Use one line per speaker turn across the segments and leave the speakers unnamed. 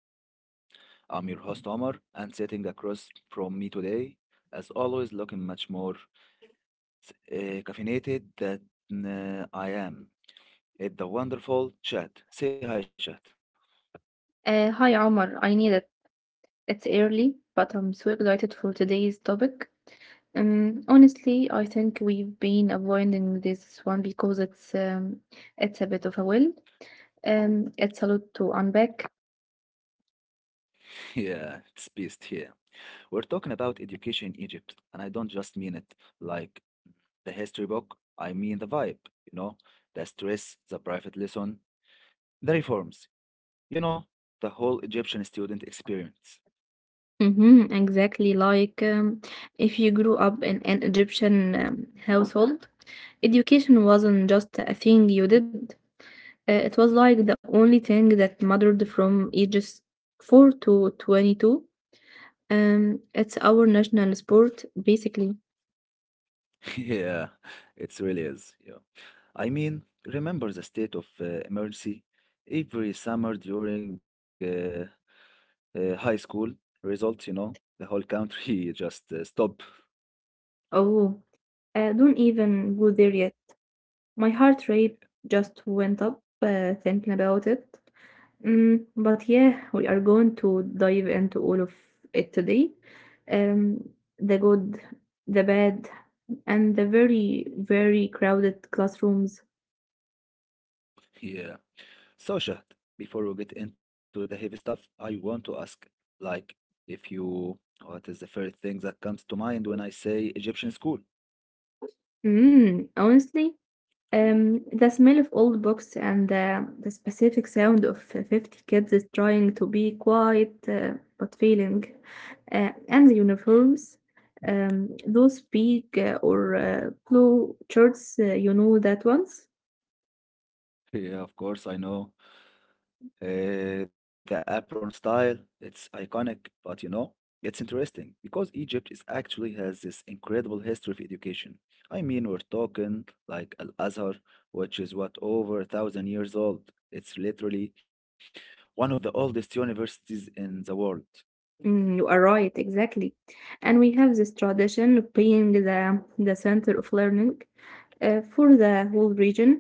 Classroom. I'm your host Omar, and sitting across from me today, as always, looking much more uh, caffeinated than I am. It's the wonderful chat. Say hi, chat.
Hi Omar, I need it. It's early, but I'm so excited for today's topic. Honestly, I think we've been avoiding this one because it's a bit of a will. It's a lot to unpack.
Yeah, it's beast here. We're talking about education in Egypt, and I don't just mean it like the history book. I mean the vibe, you know, the stress, the private lesson, the reforms, you know, the whole Egyptian student experience.
Mhm, exactly. Like, if you grew up in an Egyptian household, education wasn't just a thing you did. It was like the only thing that mattered from ages 4 to 22. It's our national sport, basically.
Yeah, it really is. Yeah. I mean, remember the state of emergency every summer during high school results, you know, the whole country just stop.
Oh, don't even go there yet. My heart rate just went up, thinking about it. But yeah, we are going to dive into all of it today. Um, the good, the bad, and the very, very crowded classrooms.
Yeah. So, Shahd, before we get into the heavy stuff, I want to ask, like, if you, what is the first thing that comes to mind when I say Egyptian school?
Honestly, the smell of old books and the specific sound of 50 kids is trying to be quiet, but failing, and the uniforms, those big, or blue shirts, you know that ones.
Yeah, of course, I know. The apron style, it's iconic, but you know, it's interesting because Egypt is actually has this incredible history of education. I mean, we're talking like Al-Azhar, which is what, over 1,000 years old. It's literally one of the oldest universities in the world.
Mm, you are right, exactly. And we have this tradition of being the center of learning for the whole region.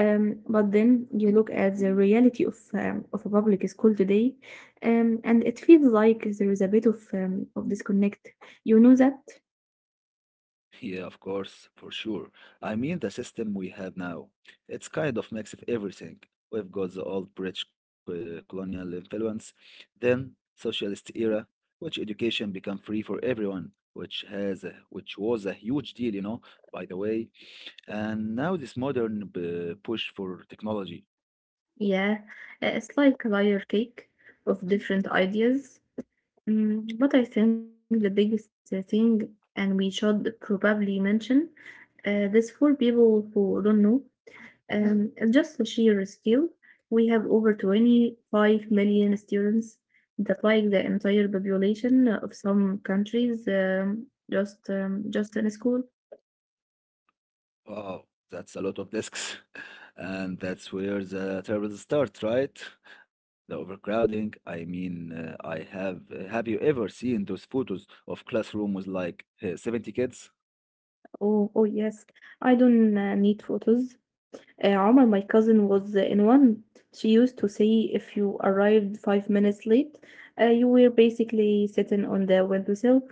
But then you look at the reality of a public school today, and it feels like there is a bit of disconnect. You know that?
Yeah, of course, for sure. I mean, the system we have now, it's kind of mix of everything. We've got the old British colonial influence, then socialist era, which education became free for everyone, which which was a huge deal, you know, by the way. And now this modern push for technology.
Yeah, it's like a layer cake of different ideas. But I think the biggest thing, and we should probably mention this for people who don't know. And just the sheer skill, we have over 25 million students. That like the entire population of some countries, just in school.
Wow, that's a lot of desks. And that's where the troubles start, right? The overcrowding. I mean, I have. Have you ever seen those photos of classroom with like 70 kids?
Oh, yes. I don't need photos. Omar, my cousin, was in one. She used to say if you arrived 5 minutes late, you were basically sitting on the windowsill.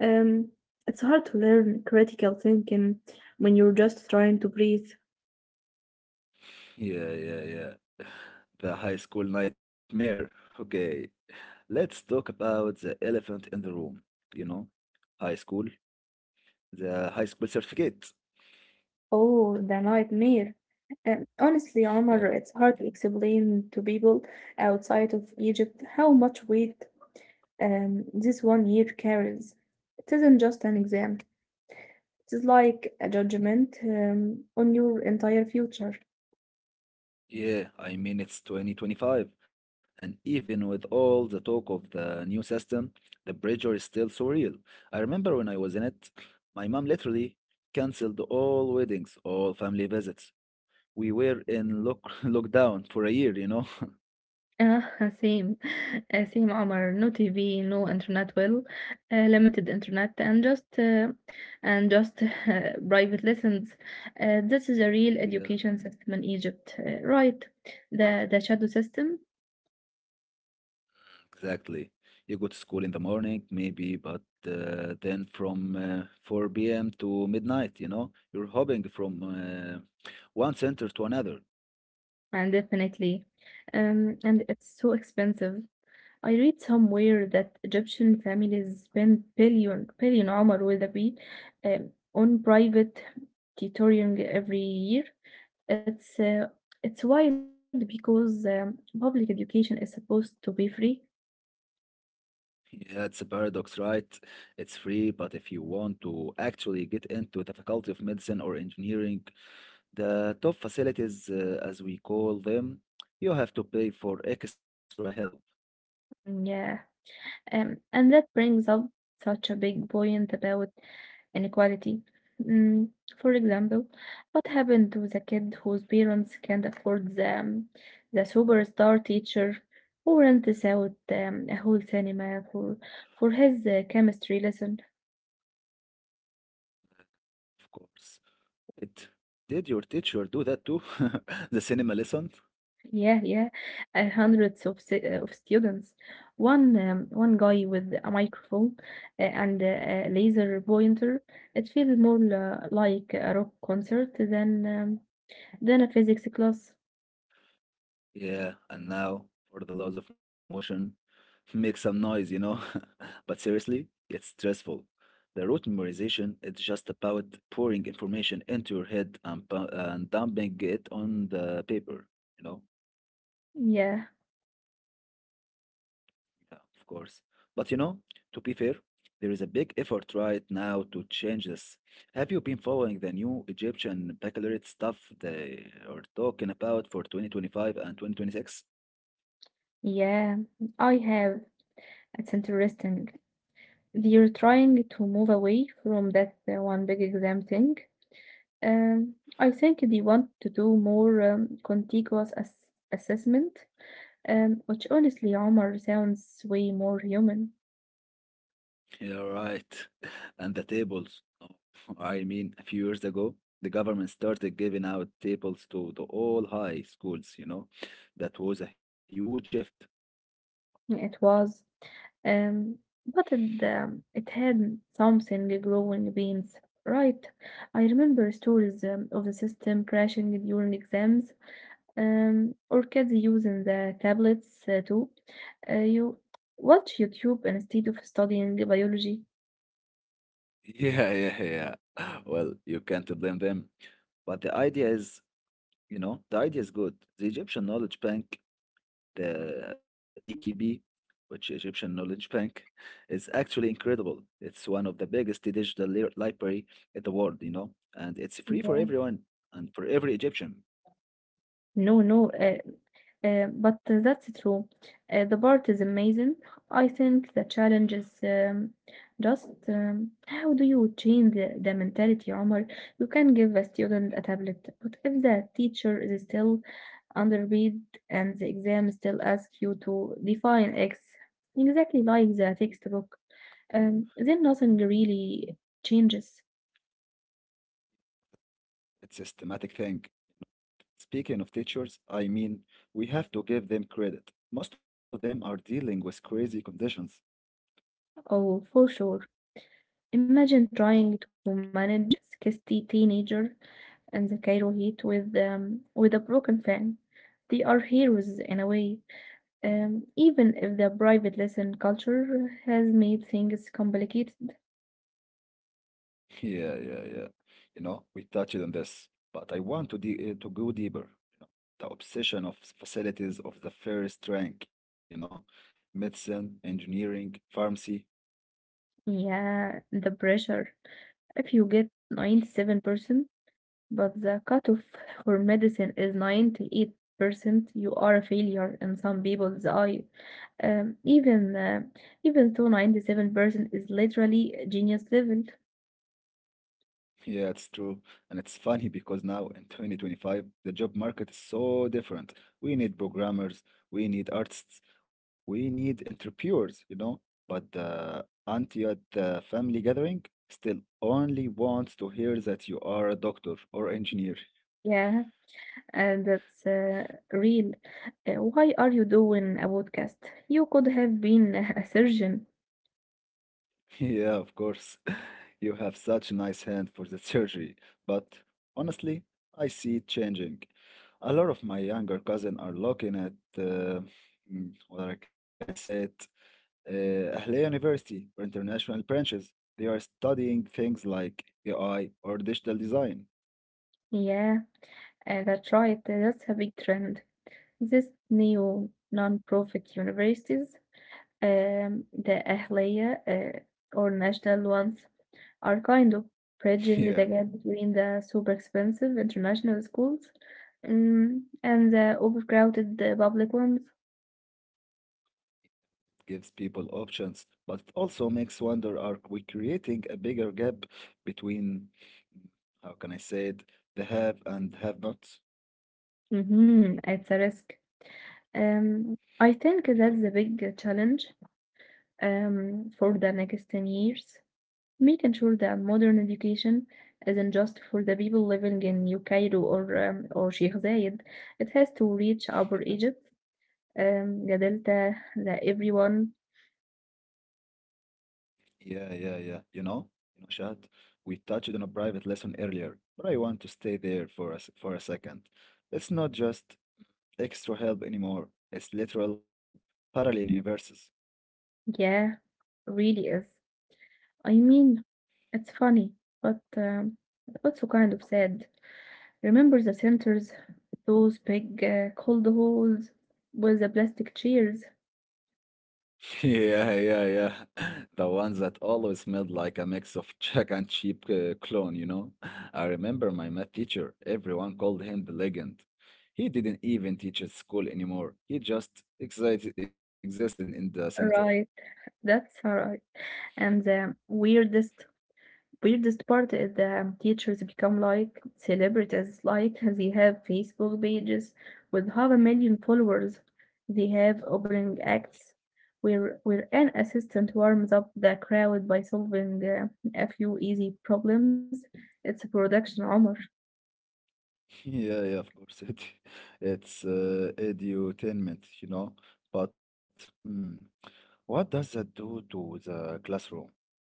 Um, it's hard to learn critical thinking when you're just trying to breathe.
Yeah, yeah, yeah. The high school nightmare. Okay, let's talk about the elephant in the room. You know, high school, the high school certificate.
Oh, the nightmare. Honestly, Omar,
Yeah.
it's hard to explain to people outside of Egypt how much weight this one year carries. It isn't just an exam, it is like a judgment on your entire future.
Yeah, I mean, it's 2025, and even with all the talk of the new system, the pressure is still so real. I remember when I was in it, my mom literally canceled all weddings, all family visits. We were in lock lockdown for a year, you know?
آه same same Omar. No TV, no internet, well, limited internet, and just private lessons. This is a real
Yeah,
education system in Egypt, right? The shadow system.
exactly. You go to school in the morning, maybe, but then from 4 p.m. to midnight, you know, you're hopping from one center to another.
And definitely. And it's so expensive. I read somewhere that Egyptian families spend billion, billion, عمر, with a B, on private tutoring every year. It's uh, it's wild because public education is supposed to be free.
Yeah, it's a paradox, right? It's free, but if you want to actually get into the Faculty of Medicine or Engineering, the top facilities, as we call them, you have to pay for extra help,
Mm, yeah. And that brings up such a big point about inequality. Mm, for example, what happened to the kid whose parents can't afford the superstar teacher who rents out a whole cinema for his chemistry lesson?
of course. It, did your teacher do that too? The cinema lesson?
Yeah, yeah. Hundreds of students. One guy with a microphone, and a laser pointer. It feels more like a rock concert than Then a physics class.
Yeah, and now for the laws of motion. Make some noise, you know? But seriously, it's stressful. The rote memorization is just about pouring information into your head and dumping it on the paper, you know?
Yeah,
Yeah, of course. But you know, to be fair, there is a big effort right now to change this. Have you been following the new Egyptian baccalaureate stuff they are talking about for 2025 and 2026?
yeah, I have. It's interesting. They're trying to move away from that one big exam thing. I think they want to do more contiguous assessment, which honestly, Omar, sounds way more human.
Yeah, right. And the tables. Oh, I mean, a few years ago, the government started giving out tables to the all high schools, you know. That was a huge shift.
It was. Um, Butted, it had something glowing beams, right? I remember stories of the system crashing during exams, or kids using the tablets too. You watch YouTube instead of studying biology.
Yeah, yeah, yeah. Well, you can't blame them. But the idea is good. The EKB, which Egyptian Knowledge Bank, is actually incredible. It's one of the biggest digital library in the world, you know, and it's free for
Yeah.
everyone and for every Egyptian.
No, no, but that's true. The part is amazing. I think the challenge is just, how do you change the mentality, Omar? You can give a student a tablet, but if the teacher is still underread, and the exam still asks you to define X exactly like the textbook, then nothing really changes.
It's a systematic thing. Speaking of teachers, I mean, we have to give them credit. Most of them are dealing with crazy conditions.
Oh, for sure. Imagine trying to manage 60 teenagers and the Cairo Heat with a broken fan. They are heroes in a way, even if the private lesson culture has made things complicated.
Yeah, yeah, yeah. You know, we touched on this, but I want to de to go deeper. You know, the obsession of facilities of the first rank. You know, medicine, engineering, pharmacy.
Yeah, the pressure. If you get 97%, but the cutoff for medicine is 98%, you are a failure in some people's eye. Um, even uh, even though 97% is literally genius level.
Yeah, it's true. And it's funny because now in 2025, the job market is so different. We need programmers, we need artists, we need entrepreneurs, you know. But the auntie at the family gathering still only wants to hear that you are a doctor or engineer.
Yeah. And that's real. Why are you doing a podcast? You could have been a surgeon.
Yeah, of course. You have such a nice hand for the surgery, but honestly, I see it changing. A lot of my younger cousin are looking at, uh, mm, what I can say it, Ahlia University or international branches. They are studying things like AI or digital design.
Yeah, that's right. That's a big trend. This new non-profit universities, the Ahliya, or national ones, are kind of bridging
Yeah,
the gap between the super expensive international schools, and the overcrowded public ones.
it gives people options, but it also makes wonder, are we creating a bigger gap between, mm, how can I say it, the have and have not?
Mm-hmm, it's a risk. I think that's the big challenge for the next 10 years, making sure that modern education isn't just for the people living in New Cairo or Sheikh Zayed. It has to reach Upper
Yeah,
Egypt, the Delta, that everyone,
yeah. You know, Shad, we touched on a private lesson earlier, but I want to stay there for for a second. It's not just extra help anymore. It's literal parallel universes.
yeah, really is. I mean, it's funny, but also kind of sad. Remember the centers, those big cold halls with the plastic chairs.
Yeah, yeah, yeah. The ones that always smelled like a mix of Jack and cheap clone, you know? I remember my math teacher, everyone called him the legend. He didn't even teach at school anymore. He just existed in the center.
Right. That's alright. And the weirdest part is the teachers become like celebrities. Like they have Facebook pages with half a million followers. They have opening acts where an assistant warms up the crowd by solving a few easy problems. It's a production, Omar.
Yeah, yeah, of course. It It's edutainment, you know. But mm, what does that do to the classroom?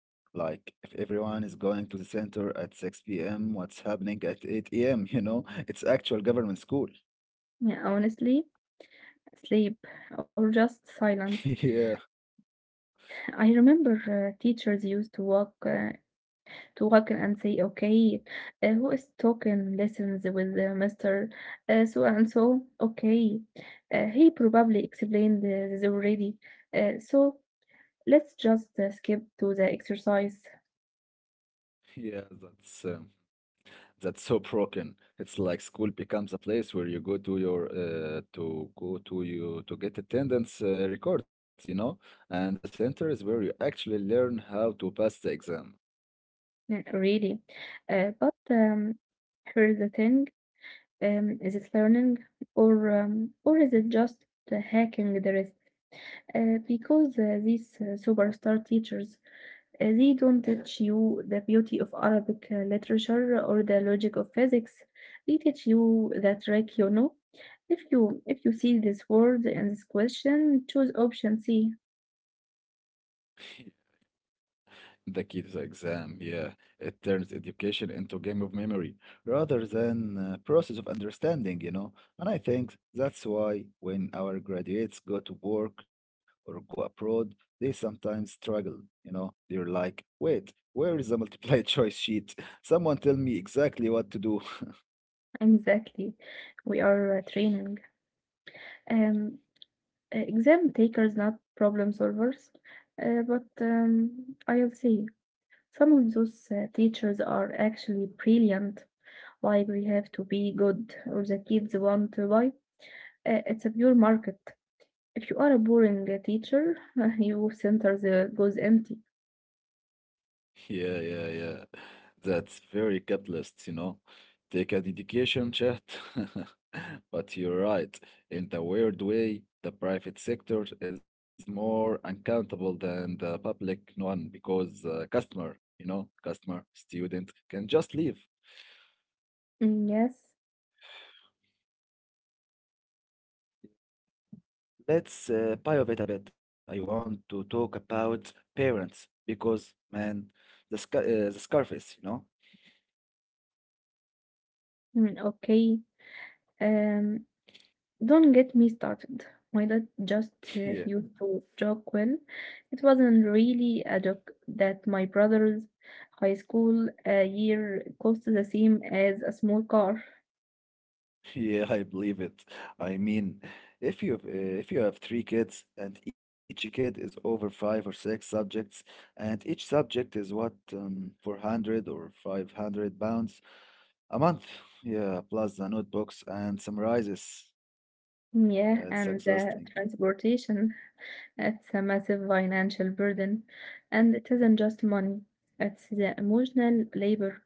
Like, if everyone is going to the center at 6 p.m., what's happening at 8 a.m., you know? It's actual government school.
Yeah, honestly, sleep or just silence.
Yeah,
I remember teachers used to walk To talk and say, okay, who is talking lessons with Mr. So and so. Okay, he probably explained this already. So let's just skip to the exercise.
yeah, that's so broken. It's like school becomes a place where you go to your to go to you to get attendance records, you know? And the center is where you actually learn how to pass the exam.
Yeah, really. But here's the thing. Is it learning or is it just the hacking the rest? Because these superstar teachers. They don't teach you the beauty of Arabic literature or the logic of physics. They teach you the trick. If you see this word and this question, choose option C.
Yeah. It turns education into a game of memory rather than a process of understanding, you know. And I think that's why when our graduates go to work or go abroad, they sometimes struggle, you know. They're like, wait, where is the multiple choice sheet? Someone tell me exactly what to do.
Exactly. We are training. Um, Exam takers, not problem solvers. But I'll say some of those teachers are actually brilliant. Like we have to be good, or the kids want to buy. It's a pure market. If you are a boring teacher, your center goes empty.
Yeah, yeah, yeah. That's very capitalist, you know. Take a dedication chat. But you're right. In the weird way, the private sector is more uncountable than the public one because customer, student can just leave.
Mm, yes.
Let's pivot a bit. I want to talk about parents because, man, the sc uh, the Scarface, you know.
Mm, okay. Um, don't get me started. My dad just used to joke, when it wasn't really a joke, that my brother's high school year cost the same as a small car.
Yeah, I believe it. I mean, if you uh, if you have three kids and each kid is over five or six subjects, and each subject is what 400 or £500 a month. Yeah, plus the notebooks and summarizes.
Mm, yeah,
It's
and the
exhausting.
transportation, it's a massive financial burden. And it isn't just money, it's the emotional labor.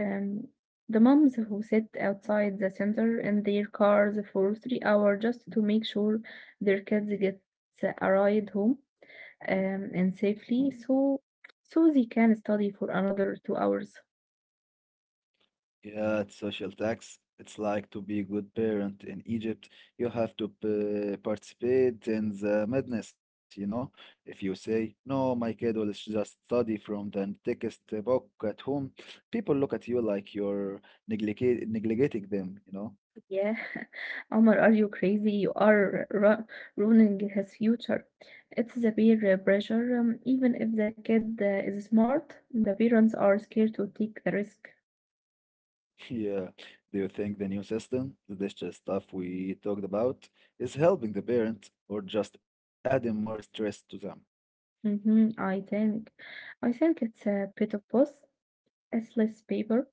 Um, the moms who sit outside the center in their cars for 3 hours just to make sure their kids get a ride home, and safely, so they can study for another 2 hours.
Yeah, it's social tax. It's like to be a good parent in Egypt. You have to participate in the madness, you know. If you say, no, my kid will just study from the thickest book at home, people look at you like you're neglecting them, you know.
Yeah, Omar, are you crazy? You are ruining his future. It's the peer pressure. Even if the kid is smart, the parents are scared to take the risk.
Yeah. Do you think the new system, this just stuff we talked about, is helping the parent or just adding more stress to them?
Mm-hmm, I think. I think it's a bit of both. As less paper,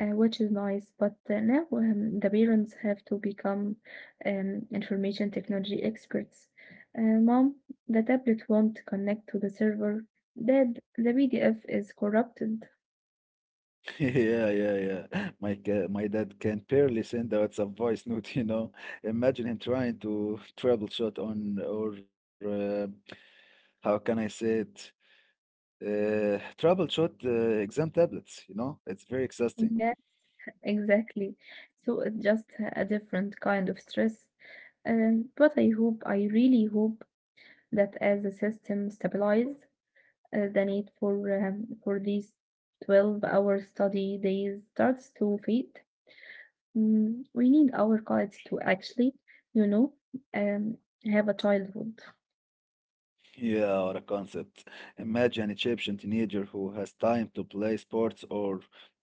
which is nice, but now, the parents have to become information technology experts. Mom, the tablet won't connect to the server. Dad, the PDF is corrupted.
Yeah, yeah, yeah. My dad can barely send a WhatsApp voice note, you know. Imagine him trying to troubleshoot on or how can I say it? Troubleshoot exam tablets, you know. It's very exhausting.
Yeah, exactly. So it's just a different kind of stress. But I hope, I really hope that as the system stabilizes, the need for these 12-hour study days starts to fade. We need our kids to actually, you know, um, have a childhood.
Yeah, what a concept. Imagine an Egyptian teenager who has time to play sports or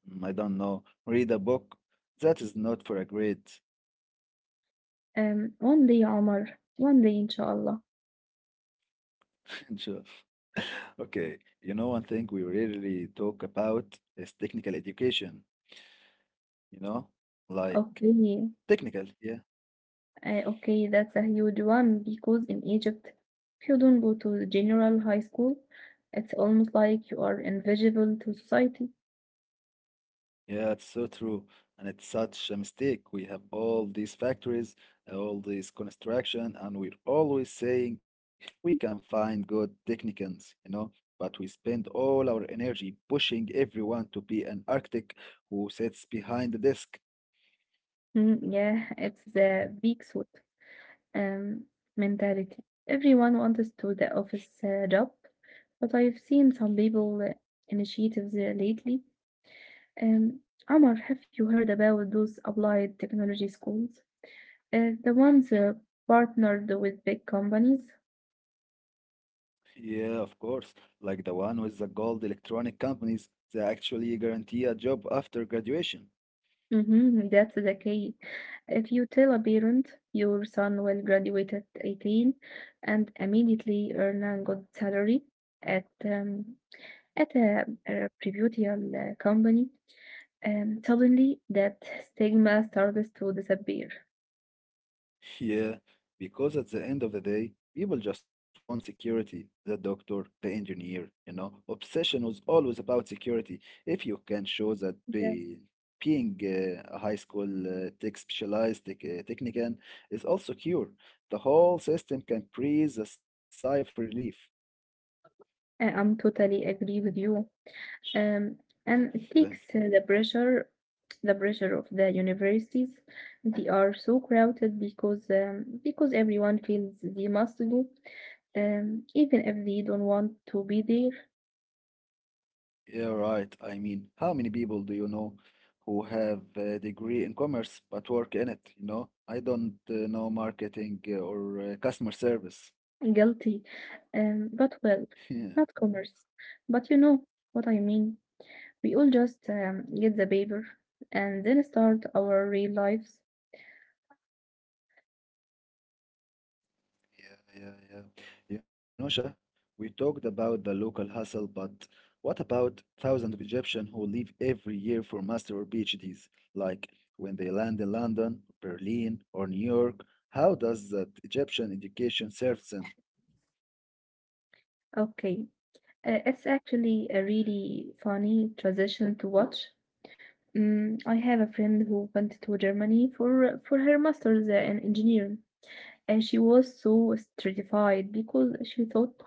mm, I don't know, read a book. That is not for a grade.
One day, Omar, one day, inshallah.
Okay, you know, one thing we rarely talk about is technical education, you know? Like
Okay,
technical, yeah.
okay, that's a huge one because in Egypt, if you don't go to the general high school, it's almost like you are invisible to society.
Yeah, it's so true. And it's such a mistake. We have all these factories, all this construction, and we're always saying we can find good technicians, you know? But we spend all our energy pushing everyone to be an architect who sits behind the desk.
Mm, yeah, it's the big suit um, mentality. Everyone wants to the office job, but I've seen some people initiatives lately. Um, Omar, have you heard about those applied technology schools? The ones partnered with big companies?
Yeah, of course. Like the one with the gold electronic companies that actually guarantee a job after graduation.
Mm-hmm, that's the key. If you tell a parent your son will graduate at 18 and immediately earn a good salary at um, at a reputable company, suddenly that stigma starts to disappear.
Yeah, because at the end of the day, people just want security. The doctor, the engineer, you know, obsession was always about security. If you can show that
Yes,
being a high school tech specialized tech, technician is all secure, the whole system can breathe a sigh of relief.
I'm totally agree with you. Um, and it takes the pressure of the universities. They are so crowded because everyone feels they must go, even if they don't want to be there.
Yeah, right. I mean, how many people do you know who have a degree in commerce but work in it? You know, I don't know marketing or customer service.
Guilty, but well, not commerce. But you know what I mean. We all just get the paper and then start our real lives.
Yeah. You know, Shah, we talked about the local hustle, but what about thousands of Egyptians who leave every year for master or PhDs? Like when they land in London, Berlin, or New York, how does that Egyptian education serve them?
Okay, it's actually a really funny transition to watch. I have a friend who went to Germany for her master's in engineering, and she was so stratified because she thought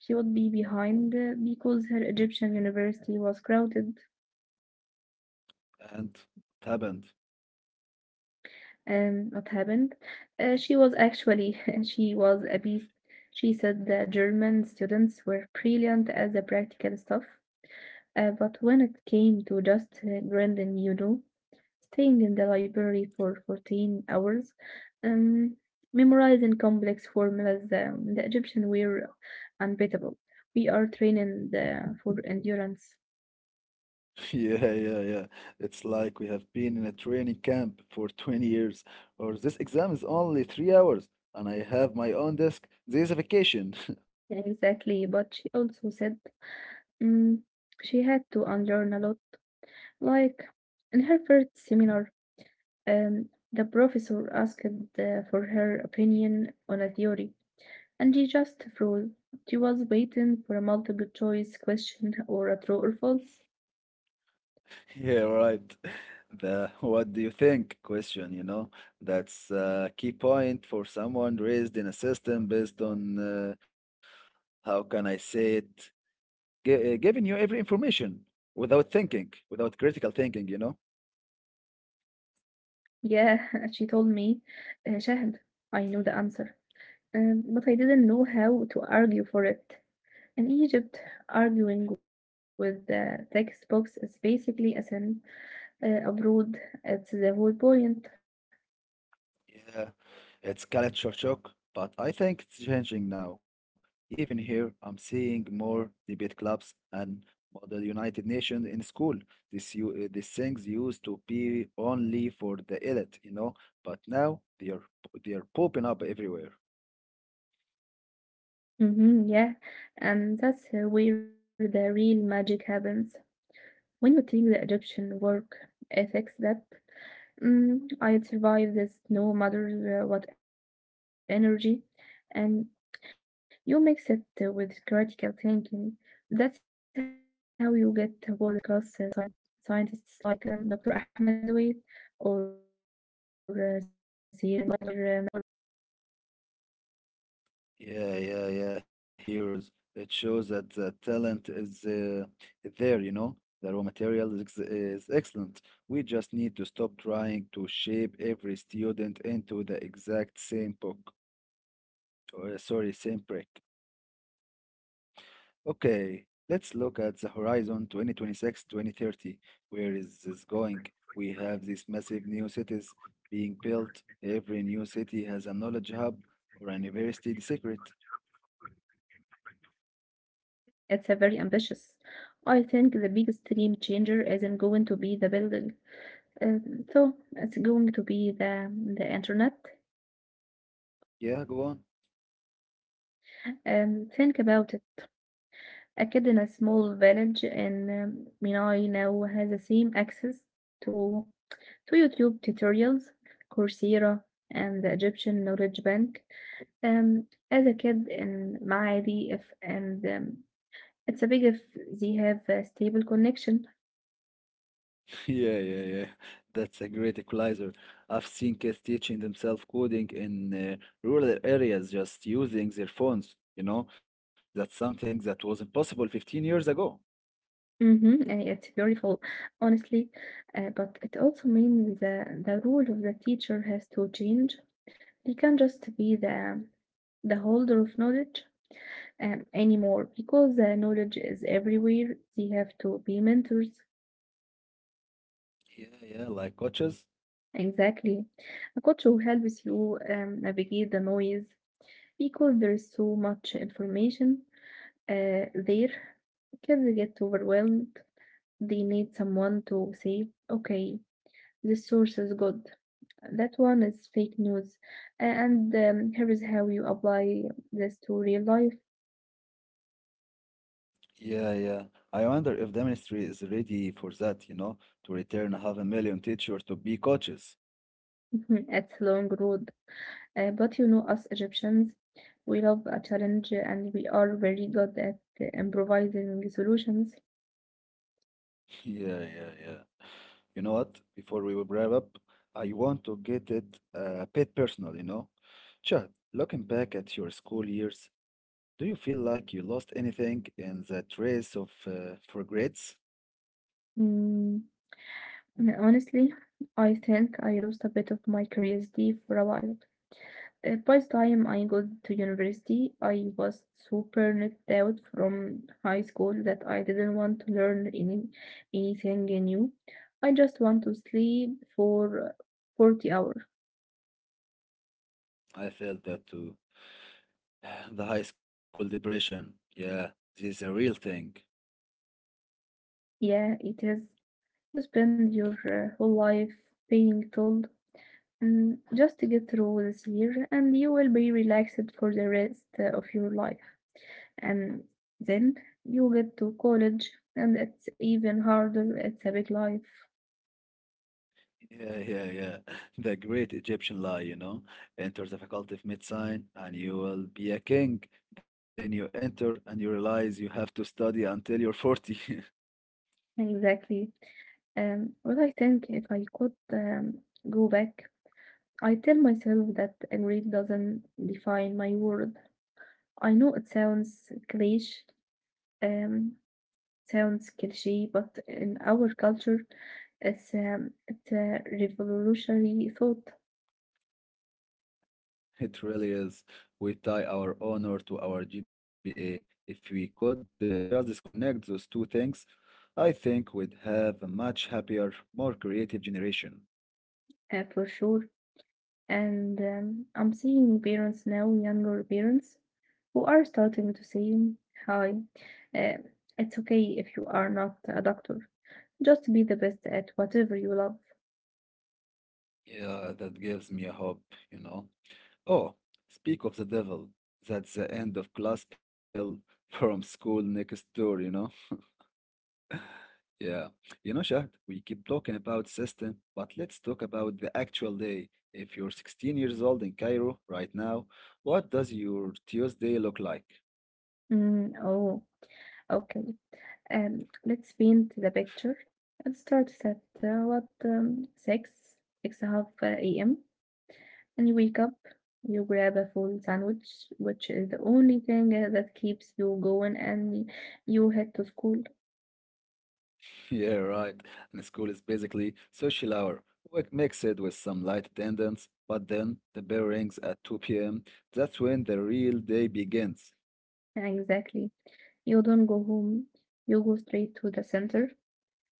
she would be behind because her Egyptian university was crowded.
And what happened?
And what happened? She was actually she was a beast. She said the German students were brilliant at the practical stuff, but when it came to just grinding, staying in the library for 14 hours, um, memorizing complex formulas, the Egyptian were unbeatable. We are training the, for endurance.
Yeah, yeah, yeah. It's like we have been in a training camp for 20 years, or this exam is only 3 hours, and I have my own desk. This is a vacation.
Yeah, exactly, but she also said mm, she had to unlearn a lot. Like in her first seminar, um, the professor asked for her opinion on a theory, and she just froze. She was waiting for a multiple choice question or a true or false.
Yeah, right. The what do you think question, you know, that's a key point for someone raised in a system based on how can I say it, G giving you every information without thinking, without critical thinking.
Yeah, she told me, Shahd, I know the answer, but I didn't know how to argue for it. In Egypt, arguing with the textbooks is basically a sin. Abroad, it's the whole point.
Yeah, it's culture shock, but I think it's changing now. Even here, I'm seeing more debate clubs and model United Nations in school. These things used to be only for the elite, you know, but now they are popping up everywhere.
Hmm, yeah, and that's where the real magic happens. When you take the Egyptian work ethics that I'd survive this no matter what energy, and you mix it with critical thinking. That's how you get world-class scientists like Dr. Ahmed Zaid or Sir Yaqub.
Yeah, yeah, yeah, heroes. It shows that the talent is there, you know. The raw material is excellent. We just need to stop trying to shape every student into the exact same book, or sorry, same brick. Okay, let's look at the horizon 2026, 26. Where is this going? We have these massive new cities being built. Every new city has a knowledge hub or a university secret.
It's a very ambitious. I think the biggest game changer isn't going to be the building, uh, so it's going to be the internet.
Yeah, go on.
Think about it. A kid in a small village in Menai now has the same access to to YouTube tutorials, Coursera, and the Egyptian Knowledge Bank. Um, as a kid in معادي if and it's a big if they have a stable connection.
Yeah, yeah, yeah. That's a great equalizer. I've seen kids teaching themselves coding in rural areas just using their phones. You know, that's something that wasn't possible 15 years ago.
Mhm, and it's beautiful, honestly. But it also means the role of the teacher has to change. He can't just be the holder of knowledge anymore because knowledge is everywhere. They have to be mentors.
Yeah, yeah, like coaches.
Exactly. A coach who helps you navigate the noise because there's so much information there. Kids get overwhelmed. They need someone to say, okay, this source is good. That one is fake news. And Here is how you apply this to real life.
Yeah, yeah. I wonder if the ministry is ready for that, you know, to return half a million teachers to be coaches.
It's a long road. But you know, us Egyptians, we love a challenge and we are very good at improvising solutions.
Yeah, yeah, yeah. You know what? Before we will wrap up, I want to get it a bit personal, you know? Chad, looking back at your school years, do you feel like you lost anything in that race of for grades?
Mm, okay, honestly, I think I lost a bit of my curiosity for a while. By the time I got to university, I was super knocked out from high school that I didn't want to learn anything new. I just want to sleep for 40 hours.
I felt that too. The high school depression. Yeah, this is a real thing.
Yeah, it is. You spend your whole life being told, just to get through this year, and you will be relaxed for the rest of your life. And then you get to college and it's even harder. It's a big life.
Yeah, yeah, yeah. The great Egyptian lie, you know. Enter the faculty of medicine and you will be a king. Then you enter and you realize you have to study until you're 40.
Exactly. Well, I think if I could go back, I tell myself that a grade doesn't define my worth. I know it sounds cliche. Um sounds cliche, but in our culture, it's it's a revolutionary thought.
It really is. We tie our honor to our GPA. If we could just disconnect those two things, I think we'd have a much happier, more creative generation.
For sure. and I'm seeing parents now, younger parents, who are starting to say, hi, uh, it's okay if you are not a doctor. Just be the best at whatever you love.
Yeah, that gives me a hope, you know. Oh, speak of the devil. That's the end of class pill from school next door, you know. Yeah, you know, Shahd, we keep talking about system, but let's talk about the actual day. If you're 16 years old in Cairo right now, what does your Tuesday look like?
Mm, oh, okay. Let's paint the picture. It starts at what six, six and a half a.m. and you wake up. You grab a full sandwich, which is the only thing that keeps you going, and you head to school.
Yeah, right. And school is basically social hour. We mix it with some light attendance, but then the bell rings at 2 p.m. That's when the real day begins.
Exactly. You don't go home. You go straight to the center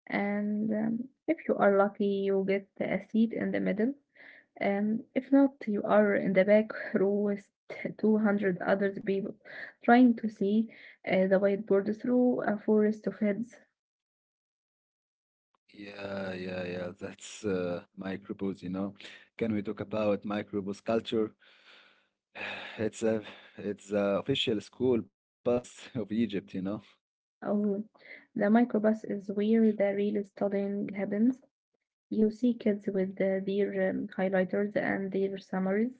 and if you are lucky, you get a seat in the middle. And if not, you are in the back row with 200 other people trying to see the whiteboard through a forest of heads.
Yeah, yeah, yeah. That's microbus, you know. Can we talk about microbus culture? It's a it's a official school bus of Egypt, you know.
Oh, the microbus is where the real studying happens. You see kids with their highlighters and their summaries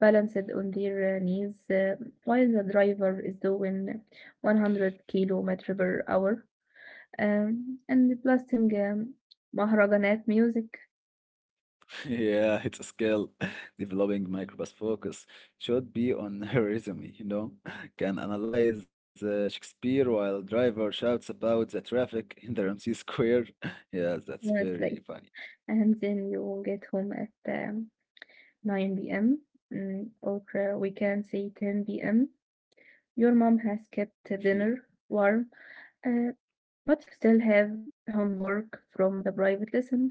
balanced on their knees while the driver is doing 100 kilometer per hour. And blasting Maharaganat music
Yeah, it's a skill. Developing microbus focus should be on her resume, you know. Can analyze Shakespeare while driver shouts about the traffic in the Ramsey Square. Yeah, that's very
mostly.
funny.
And then you get home at 9 p.m., or we can say 10 p.m. Your mom has kept
Yeah.
dinner warm, uh, but you still have homework from the private lesson.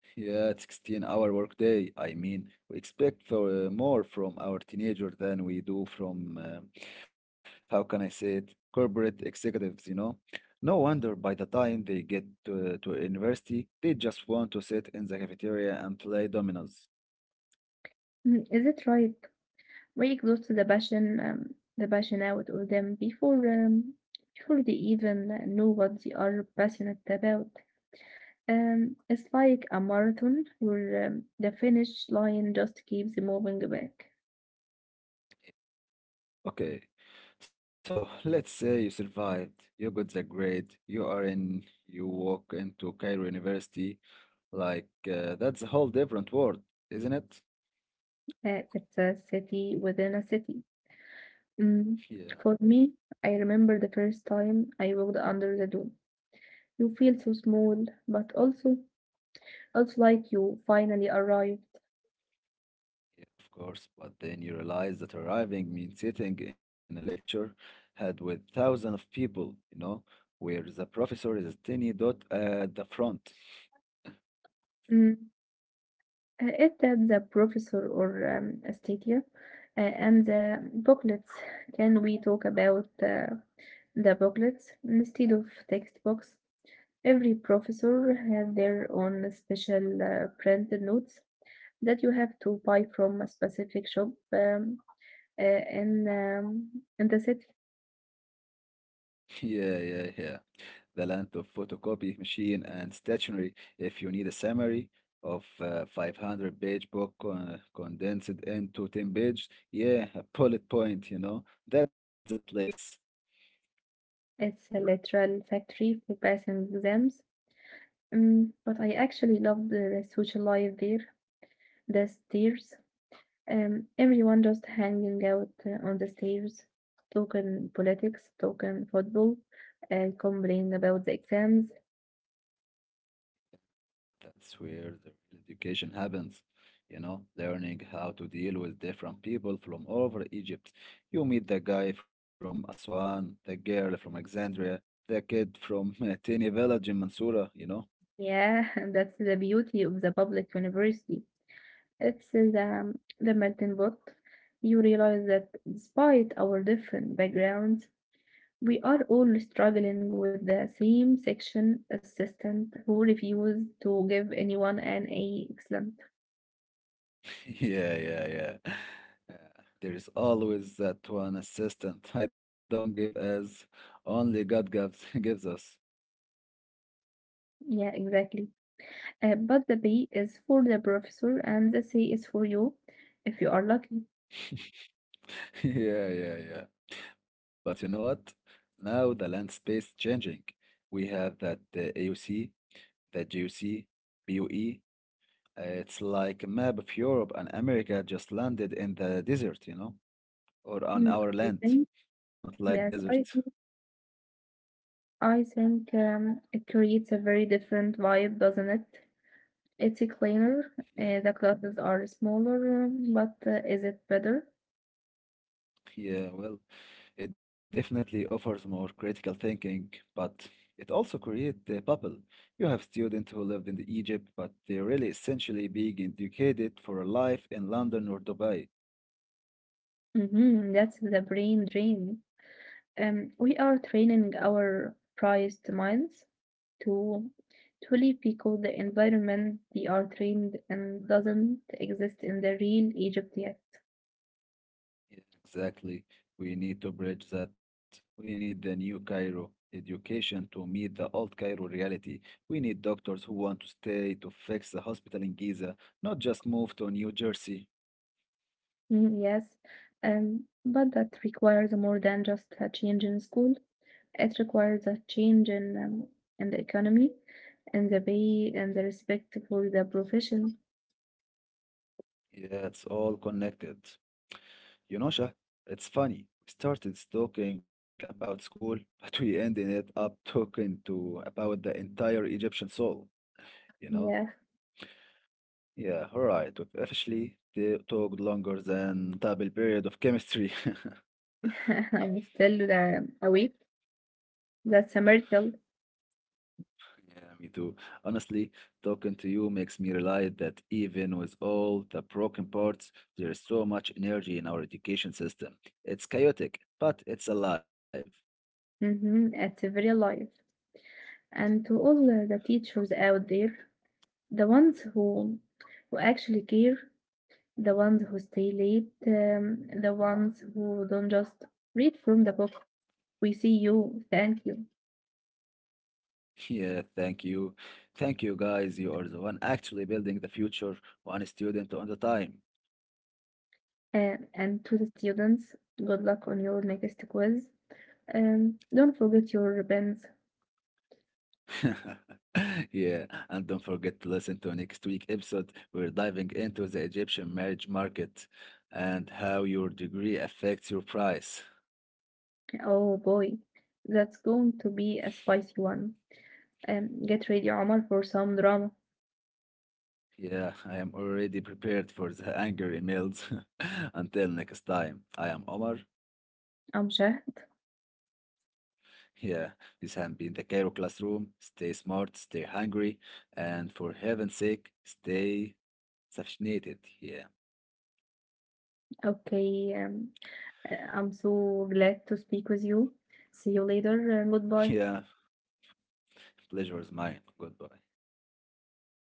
Yeah, 16-hour workday. I mean, we expect for, more from our teenager than we do from, how can I say it, corporate executives, you know? No wonder by the time they get to university, they just want to sit in the cafeteria and play dominoes.
Mm, is it right? We exhaust the passion out of them before before they even know what they are passionate about. It's like a marathon where the finish line just keeps moving back.
Okay, so let's say you survived, you got the grade, you are in, you walk into Cairo University, like, that's a whole different world, isn't it?
It's a city within a city. Mm,
Yeah.
For me, I remember the first time I walked under the dome. You feel so small, but also, also like you finally arrived.
Yeah, of course, but then you realize that arriving means sitting in a lecture had with thousands of people, you know, where the professor is a tiny dot at the front.
Mm, It had the professor or Astatia and the booklets. Can we talk about the booklets instead of textbooks? Every professor has their own special printed notes that you have to buy from a specific shop uh, in um, in the city.
Yeah, yeah, yeah. The land of photocopy machine and stationery. If you need a summary of a 500-page book condensed into 10 pages, yeah, a bullet point, you know, that's a place.
It's a literal factory for passing exams. But I actually love the social life there. The stairs, everyone just hanging out on the stairs, talking politics, talking football, and complaining about the exams.
That's where the real education happens. You know, learning how to deal with different people from all over Egypt. You meet the guy from Aswan, the girl from Alexandria, the kid from a tiny village in Mansoura, you know?
Yeah, that's the beauty of the public university. It's in the melting pot. You realize that despite our different backgrounds, we are all struggling with the same section assistant who refused to give anyone an A excellent.
Yeah, yeah, yeah. Uh, There is always that one assistant I don't give as only God gives gives us.
Yeah, exactly. But the B is for the professor and the C is for you if you are lucky.
Yeah, yeah, yeah. But you know what? Now the landscape's changing. We have that AOC the GOC, BOE. It's like a map of Europe and America just landed in the desert, you know, or on
Mm,
our
I
land,
think,
not like
yes,
desert.
I think it creates a very different vibe, doesn't it? It's a cleaner.
Yeah,
The clothes are smaller, but is it better?
yeah, well, it definitely offers more critical thinking, but it also creates the bubble. You have students who lived in the Egypt, but they're really essentially being educated for a life in London or Dubai.
Mm-hmm. That's the brain drain. We are training our prized minds to to live because the environment they are trained and doesn't exist in the real Egypt yet.
Yeah, exactly. We need to bridge that. We need the new Cairo education to meet the old Cairo reality. We need doctors who want to stay to fix the hospital in Giza, not just move to New Jersey.
Mm, yes, but that requires more than just a change in school. It requires a change in the economy and the pay and the respect for the profession.
Yeah, it's all connected. You know, Shah, it's funny. We started talking about school, but we ended it up talking to about the entire Egyptian soul, you know?
Yeah,
Yeah, all right. We've officially talked longer than double period of chemistry.
I'm still awake. That's a miracle.
Yeah, me too. Honestly, talking to you makes me realize that even with all the broken parts, there is so much energy in our education system. It's chaotic, but it's alive.
Mm-hmm. It's a very life. And to all the teachers out there, the ones who who actually care, the ones who stay late, the ones who don't just read from the book. We see you, thank you.
Yeah, thank you. Thank you, guys. You are the one actually building the future, one student at a time.
And to the students, good luck on your next quiz. Don't forget your ribbons.
Yeah, and don't forget to listen to next week's episode. We're diving into the Egyptian marriage market and how your degree affects your price.
Oh boy, that's going to be a spicy one. Get ready, Omar, for some drama.
Yeah, I am already prepared for the angry emails. Until next time, I am Omar.
I'm Shahd.
Yeah, this has been the Cairo Classroom. Stay smart, stay hungry, and for heaven's sake, stay vaccinated. Yeah,
Okay, um, I'm so glad to speak with you. See you later and
yeah,
goodbye.
pleasure is mine. Goodbye.